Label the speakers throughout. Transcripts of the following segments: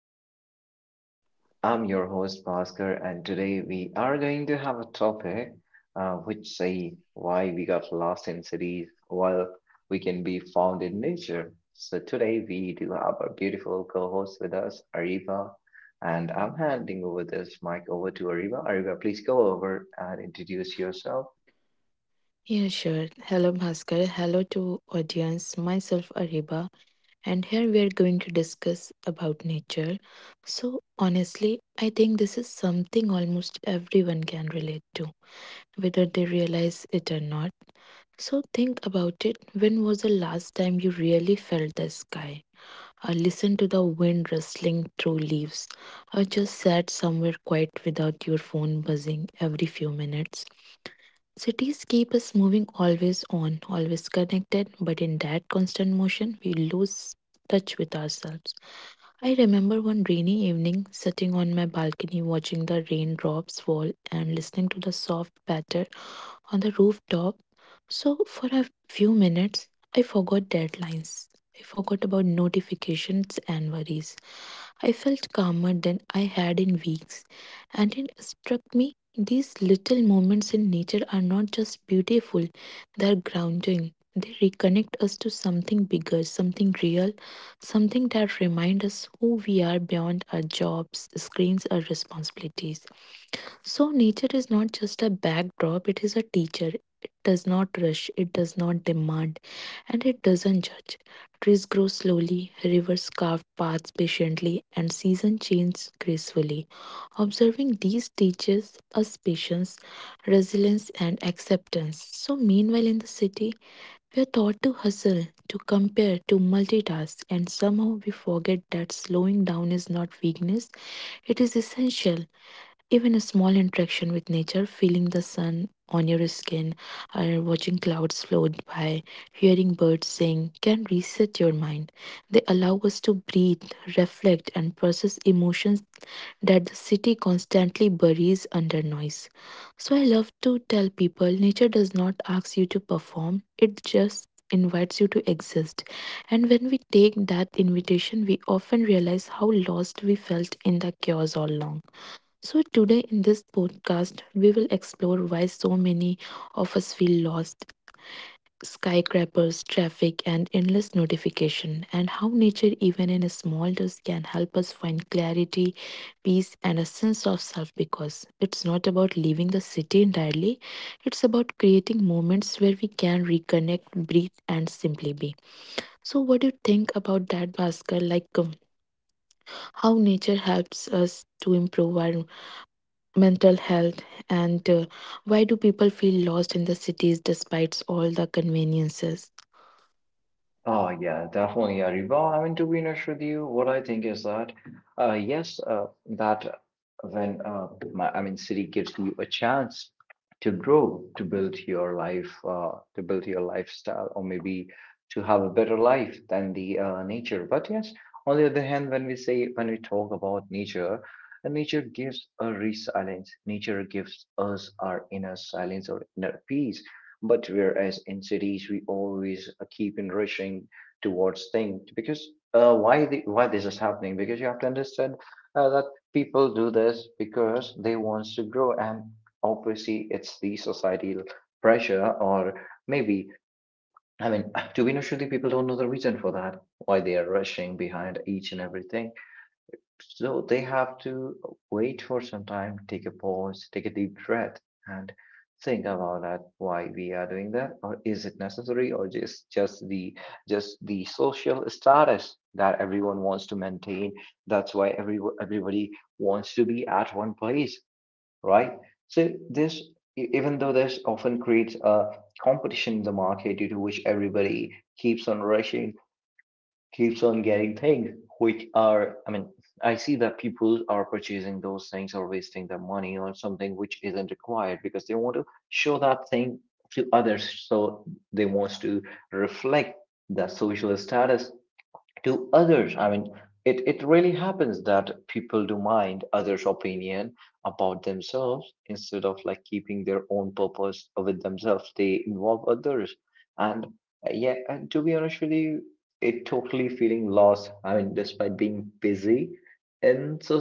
Speaker 1: podcast. I'm your host, Bhaskar, and today we are going to have a topic which say why we got lost in cities while we can be found in nature. So today we do have our beautiful co-host with us, Ariba, and I'm handing over this mic over to Ariba. Ariba, please go over and introduce yourself.
Speaker 2: Yeah, sure. Hello, Bhaskar. Hello to audience. Myself, Ariba, and here we are going to discuss about nature. So, honestly, I think this is something almost everyone can relate to, whether they realize it or not. So, think about it. When was the last time you really felt the sky? Or listened to the wind rustling through leaves? Or just sat somewhere quiet without your phone buzzing every few minutes? Cities keep us moving, always on, always connected, but in that constant motion, we lose touch with ourselves. I remember one rainy evening sitting on my balcony watching the raindrops fall and listening to the soft patter on the rooftop. So, for a few minutes, I forgot deadlines. I forgot about notifications and worries. I felt calmer than I had in weeks, and it struck me these little moments in nature are not just beautiful, they are grounding. They reconnect us to something bigger, something real, something that reminds us who we are beyond our jobs, screens, or responsibilities. So, nature is not just a backdrop, it is a teacher. It does not rush, it does not demand, and it doesn't judge. Trees grow slowly, rivers carve paths patiently, and seasons change gracefully. Observing these teaches us patience, resilience, and acceptance. So, meanwhile, in the city, we are taught to hustle, to compare, to multitask, and somehow we forget that slowing down is not weakness, it is essential. Even a small interaction with nature, feeling the sun on your skin, or watching clouds float by, hearing birds sing, can reset your mind. They allow us to breathe, reflect, and process emotions that the city constantly buries under noise. So I love to tell people nature does not ask you to perform, it just invites you to exist. And when we take that invitation, we often realize how lost we felt in the chaos all along. So, today in this podcast, we will explore why so many of us feel lost: skyscrapers, traffic, and endless notification, and how nature, even in small dose, can help us find clarity, peace, and a sense of self, because it's not about leaving the city entirely, it's about creating moments where we can reconnect, breathe, and simply be. So, what do you think about that, Bhaskar? Like, how nature helps us to improve our mental health, and why do people feel lost in the cities despite all the conveniences?
Speaker 1: Oh, yeah, definitely, Riba. I mean, to be honest with you, what I think is that yes, that when I mean, city gives you a chance to grow, to build your life, to build your lifestyle, or maybe to have a better life than the nature. But yes, on the other hand, when we talk about nature, nature gives a resilience. Nature gives us our inner silence or inner peace. But whereas in cities we always keep in rushing towards things because why this is happening? Because you have to understand that people do this because they want to grow, and obviously it's the societal pressure or maybe I mean to be honest, with you, people don't know the reason for that why they are rushing behind each and everything, so they have to wait for some time, take a pause, take a deep breath, and think about that why we are doing that, or is it necessary, or just the social status that everyone wants to maintain. That's why everybody wants to be at one place, right? So this, even though this often creates a competition in the market due to which everybody keeps on rushing, keeps on getting things which are, I mean, I see that people are purchasing those things or wasting their money on something which isn't required because they want to show that thing to others, so they want to reflect the social status to others. I mean, it really happens that people do mind others' opinion about themselves instead of like keeping their own purpose with themselves. They involve others. And yeah, and to be honest with you, it totally feeling lost. I mean, despite being busy in so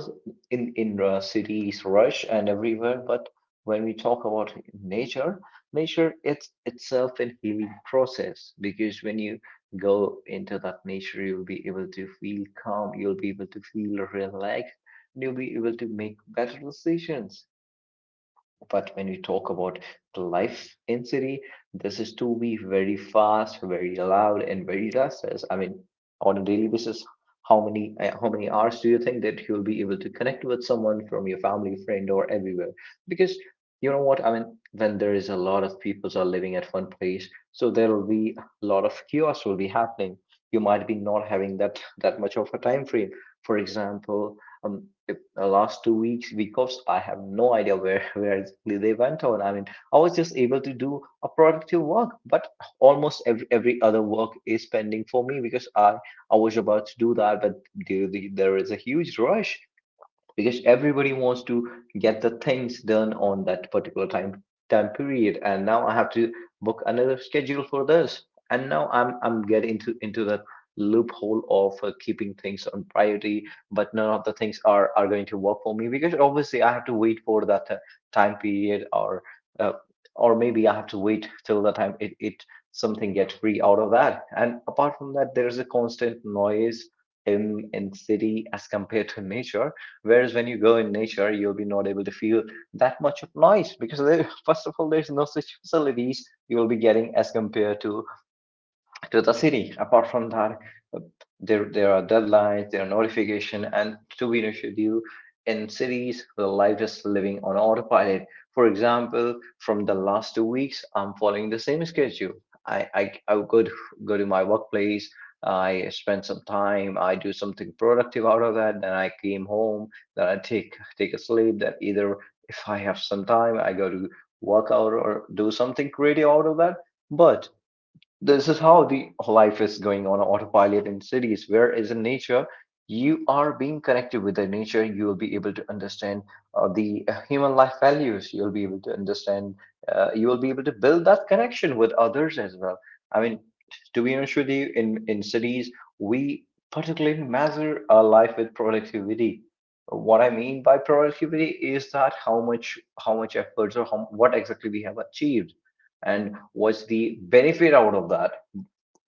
Speaker 1: in cities, rush and everywhere, but when we talk about nature, nature it's itself a healing process because when you go into that nature, you'll be able to feel calm, you'll be able to feel relaxed, and you'll be able to make better decisions. But when we talk about life in city, this is to be very fast, very loud, and very restless. I mean, on a daily basis, how many hours do you think that you'll be able to connect with someone from your family, friend, or everywhere? Because you know what? I mean, when there is a lot of people are living at one place, so there will be a lot of chaos will be happening. You might be not having that much of a time frame. For example, if the last 2 weeks, because I have no idea where where exactly they went on. I mean, I was just able to do a productive work, but almost every other work is pending for me because I was about to do that, but there is a huge rush because everybody wants to get the things done on that particular time period, and now I have to book another schedule for this. And now I'm getting into the loophole of keeping things on priority, but none of the things are going to work for me because obviously I have to wait for that time period, uh, or maybe I have to wait till the time it something gets free out of that. And apart from that, there's a constant noise in city as compared to nature. Whereas when you go in nature, you'll be not able to feel that much of noise because there, first of all, there's no such facilities you will be getting as compared to the city. Apart from that, uh, there there are deadlines, there are notification, and to be honest with you, in cities, the life is living on autopilot. For example, from the last 2 weeks, I'm following the same schedule. I I, I would go to my workplace. I spend some time. I do something productive out of that. Then I came home. Then I take a sleep. Then either if I have some time, I go to work out or do something creative out of that. But this is how the life is going on autopilot in cities, whereas in nature you are being connected with the nature, you will be able to understand the human life values, you'll be able to understand, you will be able to build that connection with others as well. I mean, to be honest with you, in cities we particularly measure our life with productivity. What I mean by productivity is that how much efforts or how, what exactly we have achieved, and what's the benefit out of that.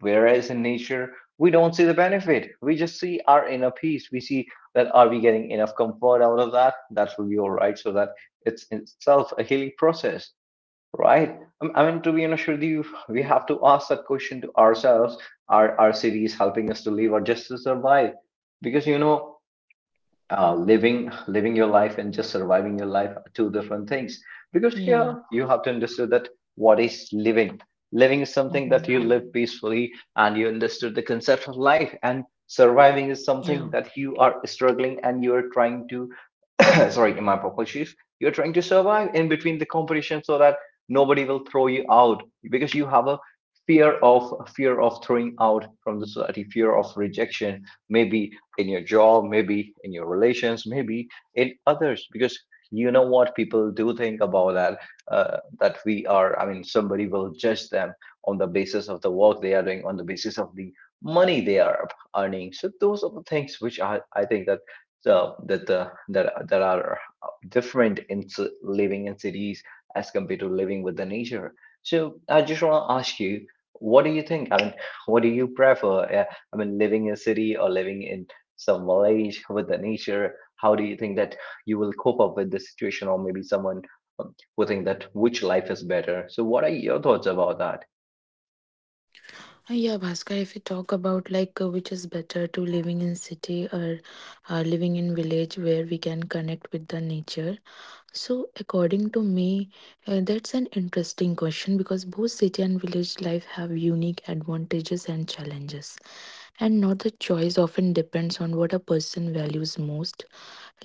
Speaker 1: Whereas in nature, we don't see the benefit. We just see our inner peace. We see that are we getting enough comfort out of that? That will be all right. So that it's in itself a healing process, right? I mean, to be honest with you, we have to ask that question to ourselves: are our cities helping us to live or just to survive? Because you know, living your life and just surviving your life are two different things, because
Speaker 2: Yeah.
Speaker 1: here you have to understand that what is living. Living is something that you
Speaker 2: Hmm.
Speaker 1: live peacefully and you understood the concept of life, and surviving is something
Speaker 2: Yeah.
Speaker 1: that you are struggling and you are trying to sorry, in my proper shoes, you're trying to survive in between the competition so that nobody will throw you out, because you have a fear of throwing out from the society, fear of rejection, maybe in your job, maybe in your relations, maybe in others, because you know what people do think about that, that we are, I mean, somebody will judge them on the basis of the work they are doing, on the basis of the money they are earning. So those are the things which I think that, so that the that there are different in living in cities as compared to living with the nature. So I just want to ask you, what do you think? I mean, what do you prefer? I mean, living in a city or living in some village with the nature? How do you think that you will cope up with the situation, or maybe someone who think that which life is better? So what are your thoughts about that?
Speaker 2: Yeah, Bhaskar, if you talk about, like, which is better: to living in city, or living in village where we can connect with the nature? So, according to me, that's an interesting question, because both city and village life have unique advantages and challenges, and not the choice often depends on what a person values most.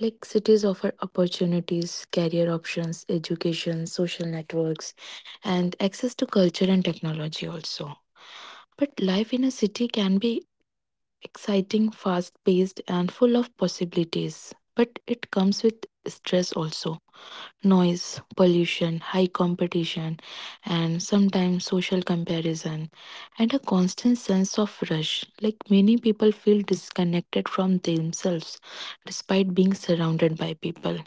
Speaker 2: Like, cities offer opportunities, career options, education, social networks, and access to culture and technology also. But life in a city can be exciting, fast paced, and full of possibilities. But it comes with stress also, noise, pollution, high competition, and sometimes social comparison, and a constant sense of rush. Like, many people feel disconnected from themselves despite being surrounded by people.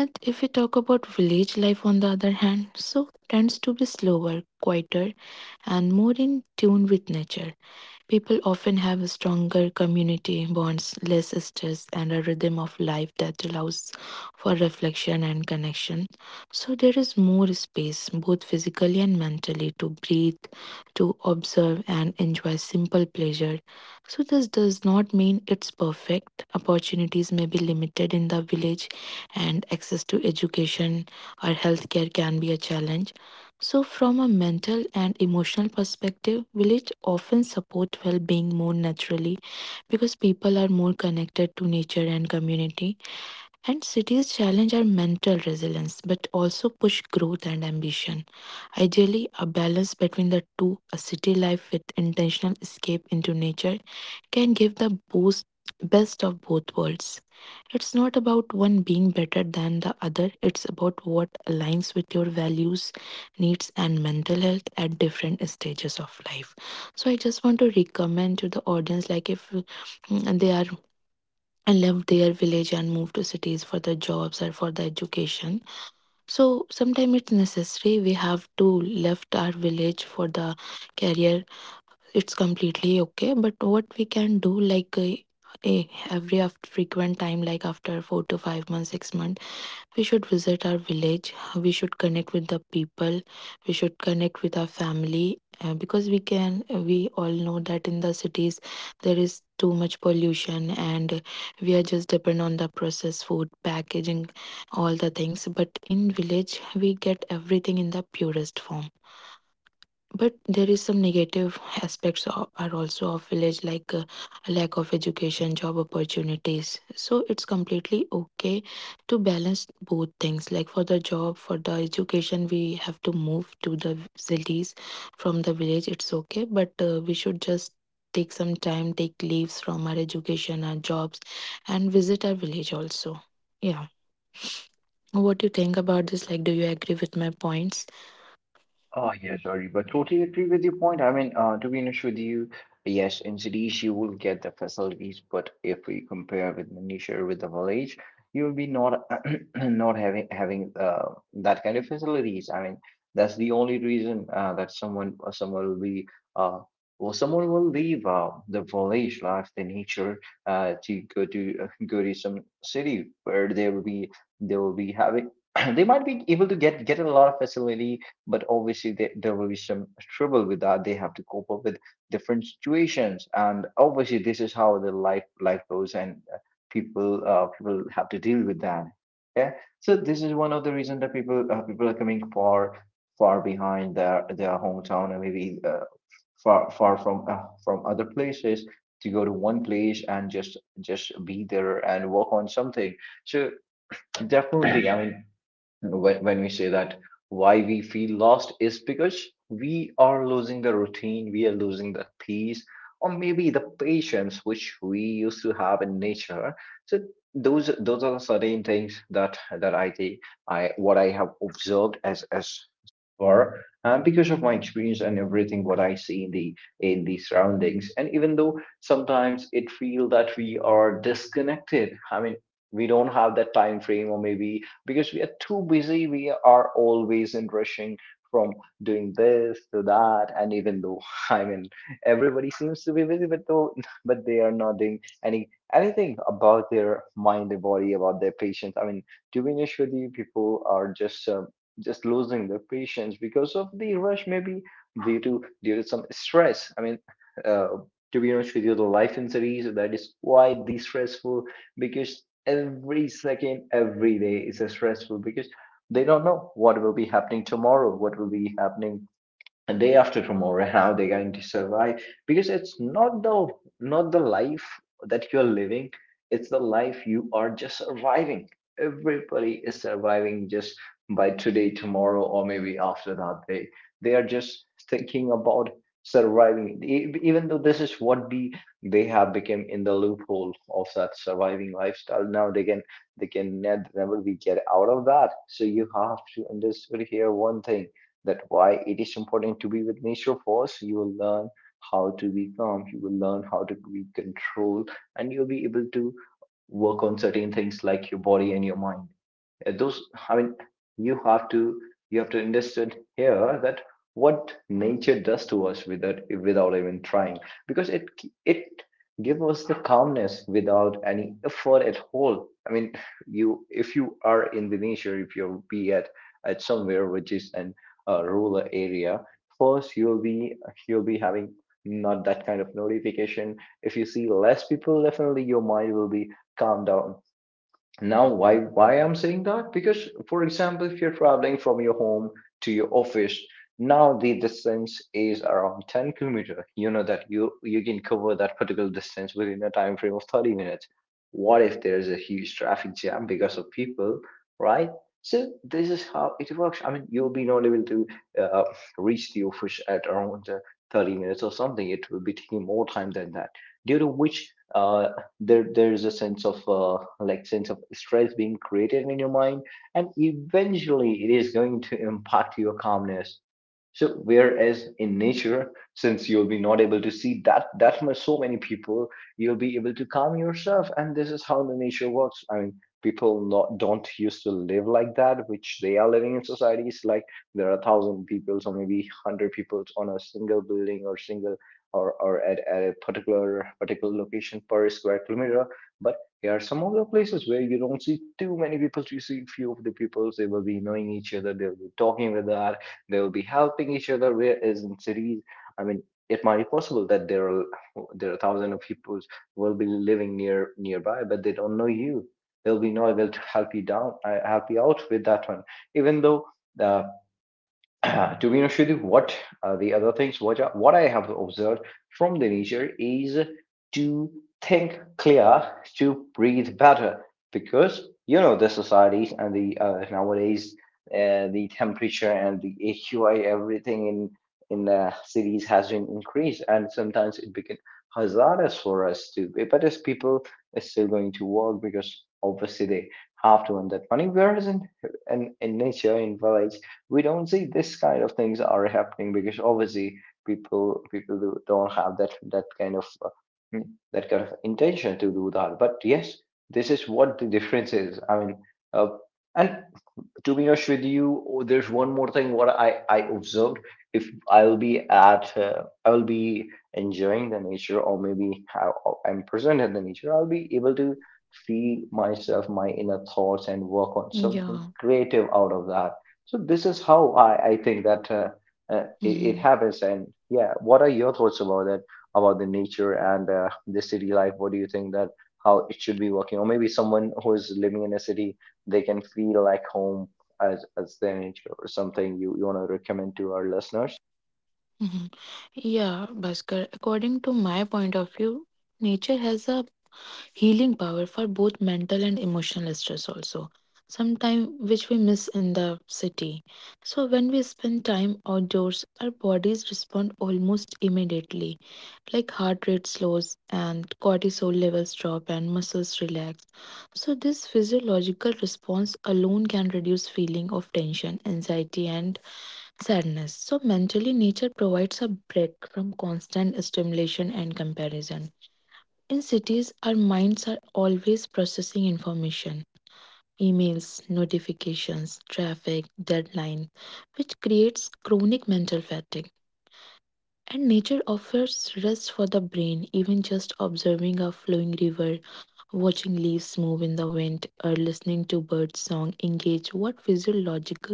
Speaker 2: And if we talk about village life, on the other hand, so tends to be slower, quieter, and more in tune with nature. People often have stronger community bonds, less stress, and a rhythm of life that allows for reflection and connection. So there is more space, both physically and mentally, to breathe, to observe, and enjoy simple pleasure. So this does not mean it's perfect. Opportunities may be limited in the village, and access to education or healthcare can be a challenge. So, from a mental and emotional perspective, village often support well-being more naturally because people are more connected to nature and community. And cities challenge our mental resilience, but also push growth and ambition. Ideally, a balance between the two: a city life with intentional escape into nature, can give the boost, best of both worlds. It's not about one being better than the other, it's about what aligns with your values, needs, and mental health at different stages of life. So, I just want to recommend to the audience, like, if they are left their village and move to cities for the jobs or for the education, so sometimes it's necessary, we have to left our village for the career. It's completely okay, but what we can do, like eh, every after frequent time, like after 4 to 5 months, 6 months, we should visit our village, we should connect with the people, we should connect with our family, because we all know that in the cities there is too much pollution, and we are just depend on the processed food packaging, all the things. But in village we get everything in the purest form. But there is some negative aspects are also of village, like lack of education, job opportunities. So it's completely okay to balance both things, like, for the job, for the education, we have to move to the cities from the village, it's okay, but we should just take some time, take leaves from our education, our jobs, and visit our village also. Yeah. What do you think about this? Like, do you agree with my points?
Speaker 1: Oh, yeah, sorry, but totally agree with your point. I mean, to be honest with you, yes, in cities you will get the facilities, but if we compare with the nature with the village, you will be not not having that kind of facilities. I mean, that's the only reason that someone will be uh, someone will leave the village life, the nature, to go to go to some city where they will be having they might be able to get a lot of facility, but obviously they, there will be some trouble with that, they have to cope up with different situations. And obviously this is how the life goes, and people have to deal with that, yeah. So this is one of the reasons that people are coming far far behind their hometown, and maybe far far from other places to go to one place and just be there and work on something. So definitely, I mean, when we say that why we feel lost is because we are losing the routine, we are losing the peace, or maybe the patience which we used to have in nature. So those are the certain things that I think I what I have observed as far. Because of my experience and everything what I see in the surroundings, and even though sometimes it feel that we are disconnected, I mean we don't have that time frame, or maybe because we are too busy. We are always in rushing from doing this to that. And even though, I mean, everybody seems to be busy, but though, but they are not doing anything about their mind, their body, about their patience. I mean, to be honest with you, people are just losing their patience because of the rush, maybe due to some stress. I mean, uh, to be honest with you, the life in cities that is quite de-stressful because every second, every day is a stressful because they don't know what will be happening tomorrow, what will be happening a day after tomorrow, how they're going to survive because it's not the not the life that you're living, it's the life you are just surviving. Everybody is surviving just by today, tomorrow, or maybe after that day. They are just thinking about surviving. Even though this is what the they have become in the loophole of that surviving lifestyle, now they can they can never be get out of that. So you have to understand here one thing, that why it is important to be with nature. First you will learn how to be calm, you will learn how to be controlled, and you'll be able to work on certain things like your body and your mind. Those I mean You have to you have to understand here that what nature does to us without without even trying because it gives us the calmness without any effort at all. I mean, you, if you are in the nature, if you be at somewhere which is an rural area, first you'll be having not that kind of notification. If you see less people, definitely your mind will be calmed down. Now, why I'm saying that? Because, for example, if you're traveling from your home to your office, now the distance is around 10 kilometer. You know that you can cover that particular distance within a time frame of 30 minutes. What if there is a huge traffic jam because of people, right? So this is how it works. I mean, you'll be not able to uh, reach the office at around 30 minutes or something. It will be taking more time than that, due to which there is a sense of like sense of stress being created in your mind, and eventually it is going to impact your calmness. So whereas in nature, since you'll be not able to see that that much so many people, you'll be able to calm yourself, and this is how the nature works. I mean, people not don't used to live like that which they are living in societies, like there are thousand people or maybe hundred people on a single building or single or at a particular particular location per square kilometer. But here are some of the places where you don't see too many people. You see few of the people, they will be knowing each other, they'll be talking with that, they will be helping each other. Whereas in cities, I mean, it might be possible that there are thousands of people who will be living near nearby, but they don't know you. They'll be not able to help you down, help you out with that one. Even though the to be honest with you, what the other things what I have observed from the nature is to think clear, to breathe better, because you know the societies and the nowadays the temperature and the AQI everything in the cities has been increased, and sometimes it became hazardous for us to. But as people are still going to work because obviously they have to earn that money, whereas in in nature in village, we don't see this kind of things are happening because obviously people do, don't have that that kind of mm, that kind of intention to do that. But yes, this is what the difference is. I mean, uh, and to be honest with you, oh, there's one more thing what I observed. If I'll be at, I'll be enjoying the nature, or maybe how I'm present in the nature, I'll be able to feel myself, my inner thoughts, and work on something
Speaker 2: Yeah.
Speaker 1: creative out of that. So this is how I think that it, it happens. And yeah, what are your thoughts about that, about the nature and the city life? What do you think that how it should be working? Or maybe someone who is living in a city, they can feel like home as their nature, or something you, you want to recommend to our listeners?
Speaker 2: Mhm. Yeah, Bhaskar, according to my point of view, nature has a healing power for both mental and emotional stress also. Sometime which we miss in the city. So when we spend time outdoors, our bodies respond almost immediately. Like, heart rate slows, and cortisol levels drop, and muscles relax. So this physiological response alone can reduce feeling of tension, anxiety, and sadness. So, mentally, nature provides a break from constant stimulation and comparison. In cities, our minds are always processing information: emails, notifications, traffic, deadline, which creates chronic mental fatigue. And nature offers rest for the brain, even just observing a flowing river, watching leaves move in the wind, or listening to bird song engage what physiological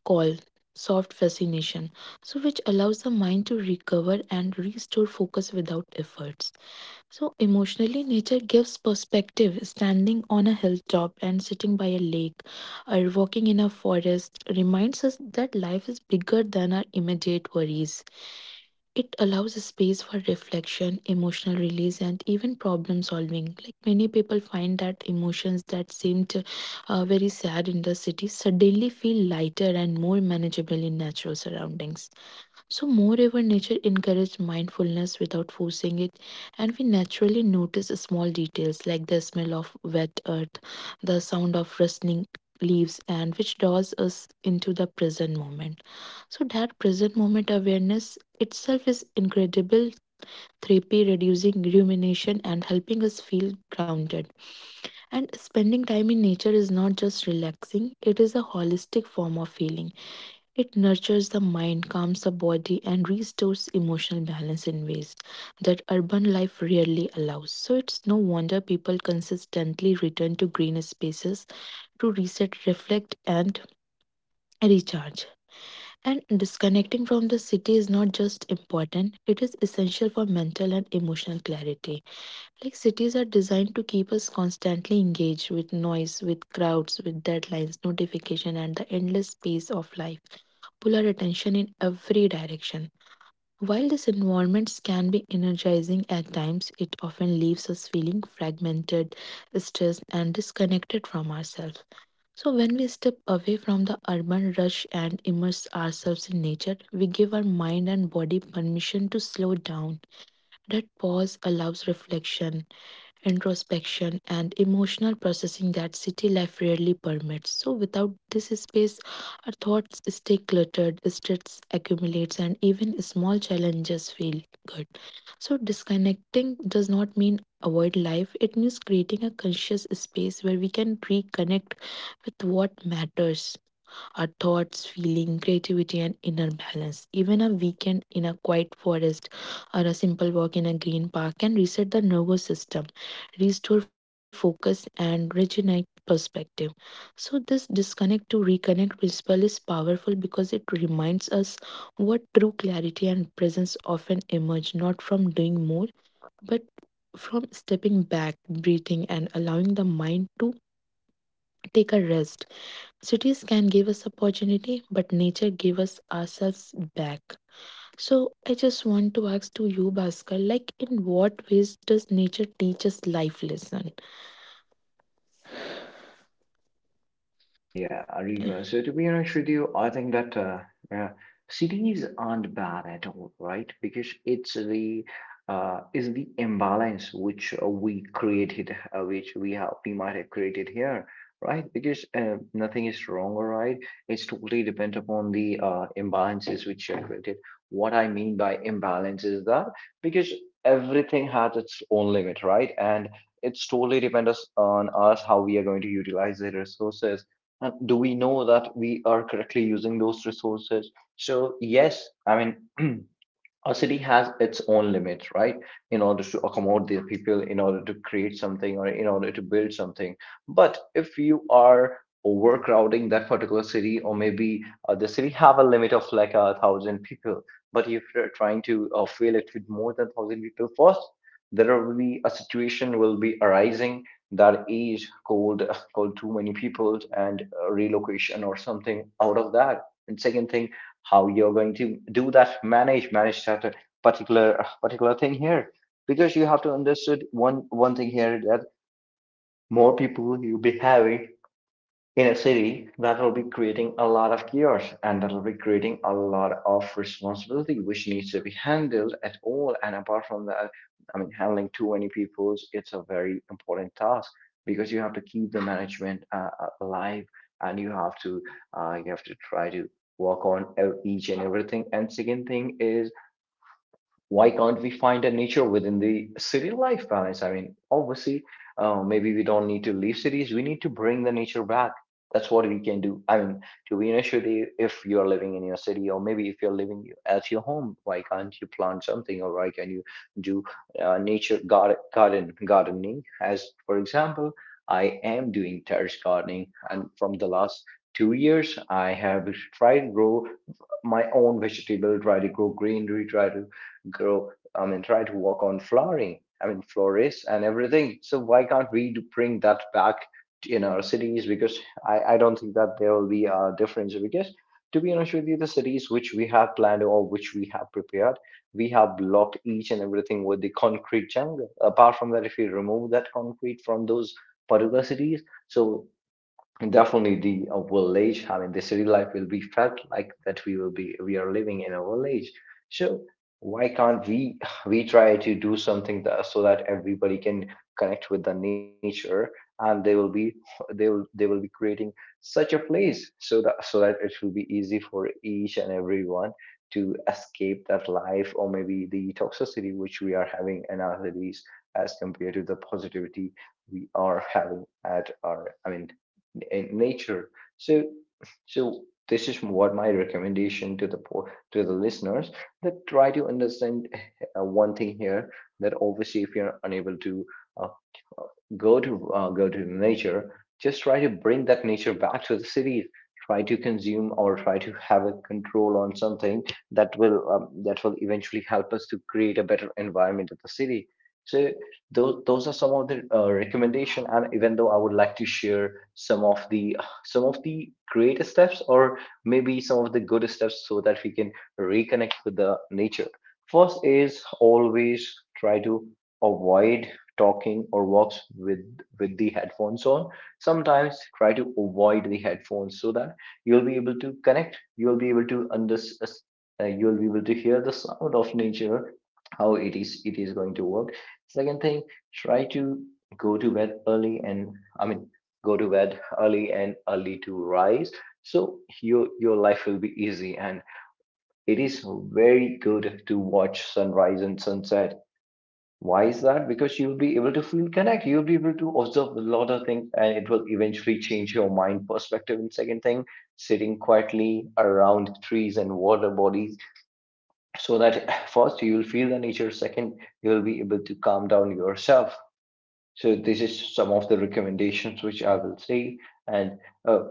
Speaker 2: called soft fascination, so which allows the mind to recover and restore focus without efforts. So, emotionally, nature gives perspective. Standing on a hilltop and sitting by a lake or walking in a forest reminds us that life is bigger than our immediate worries. It allows a space for reflection, emotional release, and even problem solving. Like many people find that emotions that seemed, very sad in the city suddenly feel lighter and more manageable in natural surroundings. So, moreover, nature encourages mindfulness without forcing it, and we naturally notice small details like the smell of wet earth, the sound of rustling leaves, and which draws us into the present moment. So that present moment awareness itself is incredible therapy, reducing rumination and helping us feel grounded. And spending time in nature is not just relaxing, it is a holistic form of healing. It nurtures the mind, calms the body, and restores emotional balance in ways that urban life rarely allows. So it's no wonder people consistently return to green spaces to reset, reflect, and recharge. And disconnecting from the city is not just important, it is essential for mental and emotional clarity. Like, cities are designed to keep us constantly engaged with noise, with crowds, with deadlines, notification, and the endless pace of life. Pull our attention in every direction. While these environments can be energizing at times, it often leaves us feeling fragmented, stressed, and disconnected from ourselves. So, when we step away from the urban rush and immerse ourselves in nature, we give our mind and body permission to slow down. That pause allows reflection, introspection, and emotional processing that city life rarely permits. So, without this space, our thoughts stay cluttered, stress accumulates, and even small challenges feel good. So, disconnecting does not mean avoid life, it means creating a conscious space where we can reconnect with what matters: our thoughts, feeling, creativity, and inner balance. Even a weekend in a quiet forest or a simple walk in a green park can reset the nervous system, restore focus, and regenerate perspective. So, this disconnect to reconnect principle is powerful because it reminds us what true clarity and presence often emerge not from doing more but from stepping back, breathing, and allowing the mind to take a rest. Cities can give us opportunity, but nature give us ourselves back. So I just want to ask to you, Bhaskar, like, in what ways does nature teach us life lesson?
Speaker 1: Oh yeah, Ariba. So to be honest with you, I think that uh, cities aren't bad at all, right? Because it's the is the imbalance which we created, which we have we might have created here, right? Because nothing is wrong or right. It's totally depend upon the imbalances which are created. What I mean by imbalance is that because everything has its own limit, right? And it's totally depends on us how we are going to utilize the resources. Do we know that we are correctly using those resources? So yes, I mean, a city has its own limits, right? In order to accommodate the people, in order to create something or in order to build something. But if you are overcrowding that particular city, or maybe the city have a limit of like a thousand people, but if you're trying to fill it with more than thousand people, first, there will be a situation will be arising that is called called too many people and relocation or something out of that. And second thing, how you're going to do that manage that particular particular thing here, because you have to understood one thing here that more people you'll be having in a city, that will be creating a lot of chaos, and that will be creating a lot of responsibility which needs to be handled at all. And apart from that, I mean, handling too many peoples, it's a very important task, because you have to keep the management alive, and you have to try to work on each and everything. And second thing is, why can't we find a nature within the city life balance? I mean, obviously, maybe we don't need to leave cities. We need to bring the nature back. That's what we can do. I mean, to be honest with you, if you're living in your city or maybe if you're living at your home, why can't you plant something, or why can you do nature garden gardening? As for example, I am doing terrace gardening, and from the last 2 years, I have tried to grow my own vegetable, try to grow greenery, try to grow, I mean, try to work on flowering, I mean, florists and everything. So why can't we bring that back in our cities? Because I don't think that there will be a difference. Because to be honest with you, the cities which we have planned or which we have prepared, we have blocked each and everything with the concrete jungle. Apart from that, if we remove that concrete from those particular cities, so, and definitely the village, I mean the city life will be felt like that we will be we are living in a village. So why can't we try to do something that, so that everybody can connect with the nature, and they will be creating such a place so that so that it will be easy for each and everyone to escape that life, or maybe the toxicity which we are having in our cities as compared to the positivity we are having at our, I mean, in nature. So, so, this is what my recommendation to the to the listeners, that try to understand one thing here, that obviously if you're unable to uh, go to nature, just try to bring that nature back to the cities, try to consume or try to have a control on something that will eventually help us to create a better environment at the city. So those are some of the recommendation, and even though I would like to share some of the greatest steps, or maybe some of the good steps, so that we can reconnect with the nature. First is always try to avoid talking or walks with the headphones on. Sometimes try to avoid the headphones so that you'll be able to connect. You'll be able to understand. You'll be able to hear the sound of nature, how it is going to work. Second thing, try to go to bed early, and I mean, go to bed early and early to rise, so your life will be easy. And it is very good to watch sunrise and sunset. Why is that? Because you'll be able to feel connect, you'll be able to observe a lot of things, and it will eventually change your mind perspective. And second thing, sitting quietly around trees and water bodies, so that first you will feel the nature, second, you will be able to calm down yourself. So this is some of the recommendations which I will say, and uh,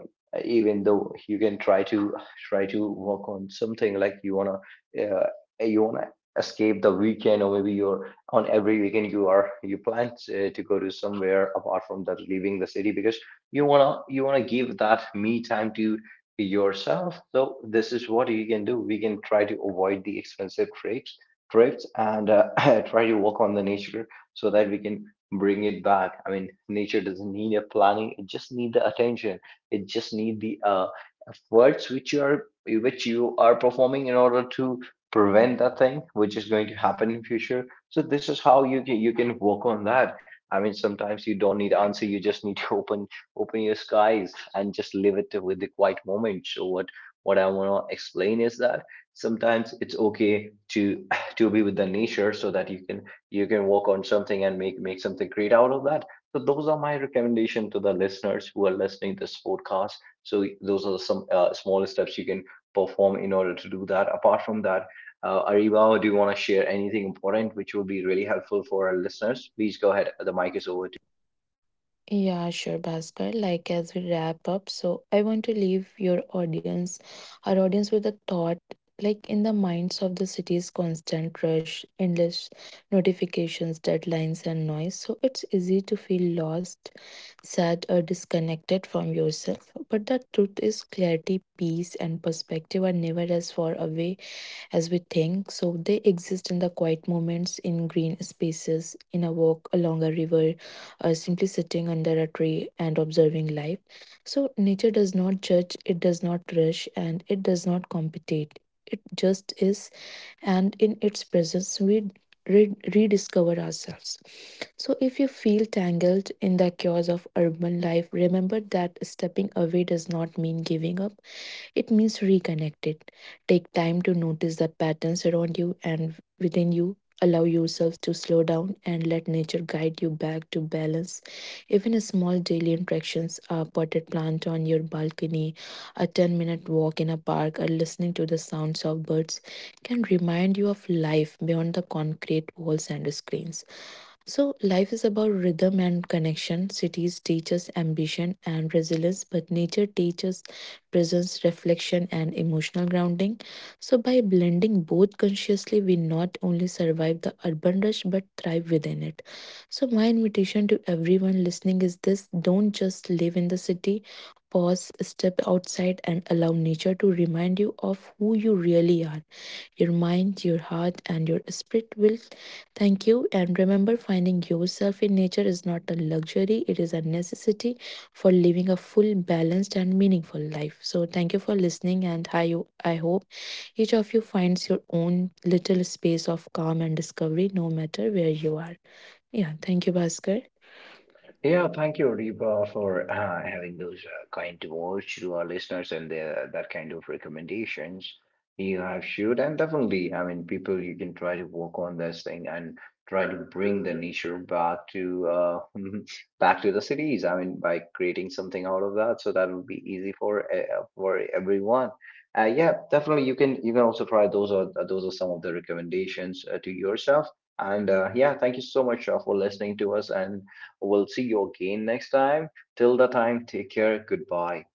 Speaker 1: even though you can try to try to work on something like uh, you wanna escape the weekend, or maybe you're on every weekend you are you plan to go to somewhere apart from that leaving the city, because you wanna give that me time to yourself. So this is what you can do. We can try to avoid the expensive trips and try to work on the nature, so that we can bring it back. I mean, nature doesn't need a planning, it just need the attention, it just need the efforts which you are performing in order to prevent that thing which is going to happen in future. So this is how you can work on that. I mean, sometimes you don't need answer, you just need to open open your skies and just live it with the quiet moment. So what what I want to explain is that sometimes it's okay to to be with the nature, so that you can work on something and make something great out of that. So those are my recommendation to the listeners who are listening to this podcast. So those are some small steps you can perform in order to do that. Apart from that, Ariba, do you want to share anything important which will be really helpful for our listeners? Please go ahead. The mic is over.
Speaker 2: Yeah, sure, Bhaskar. Like, as we wrap up, so I want to leave your audience, our audience, with a thought. Like, in the minds of the city's constant rush, endless notifications, deadlines, and noise, so it's easy to feel lost, sad, or disconnected from yourself. But the truth is, clarity, peace, and perspective are never as far away as we think. So they exist in the quiet moments, in green spaces, in a walk along a river, or simply sitting under a tree and observing life. So nature does not judge, it does not rush, and it does not compete. It just is, and in its presence, we rediscover ourselves. So, if you feel tangled in the chaos of urban life, remember that stepping away does not mean giving up. It means reconnect it. Take time to notice the patterns around you and within you. Allow yourself to slow down and let nature guide you back to balance. Even small daily interactions, a potted plant on your balcony, a 10-minute walk in a park, or listening to the sounds of birds, can remind you of life beyond the concrete walls and screens. So, life is about rhythm and connection. Cities teach us ambition and resilience, but nature teaches presence, reflection, and emotional grounding. So, by blending both consciously, we not only survive the urban rush but thrive within it. So, my invitation to everyone listening is this: don't just live in the city, pause, step outside, and allow nature to remind you of who you really are. Your mind, your heart, and your spirit will thank you. And remember, finding yourself in nature is not a luxury, it is a necessity for living a full, balanced, and meaningful life. So, thank you for listening, and I hope each of you finds your own little space of calm and discovery, no matter where you are. Yeah, thank you, Bhaskar.
Speaker 1: Yeah, thank you, Reba, for having those kind words to our listeners and the, that kind of recommendations you have shared. And definitely, I mean, people, you can try to work on this thing and try to bring the nature back to back to the cities. I mean, by creating something out of that, so that would be easy for everyone. Yeah, definitely, you can also try. Those are those are some of the recommendations to yourself. And yeah, thank you so much for listening to us, and we'll see you again next time. Till the time, take care. Goodbye.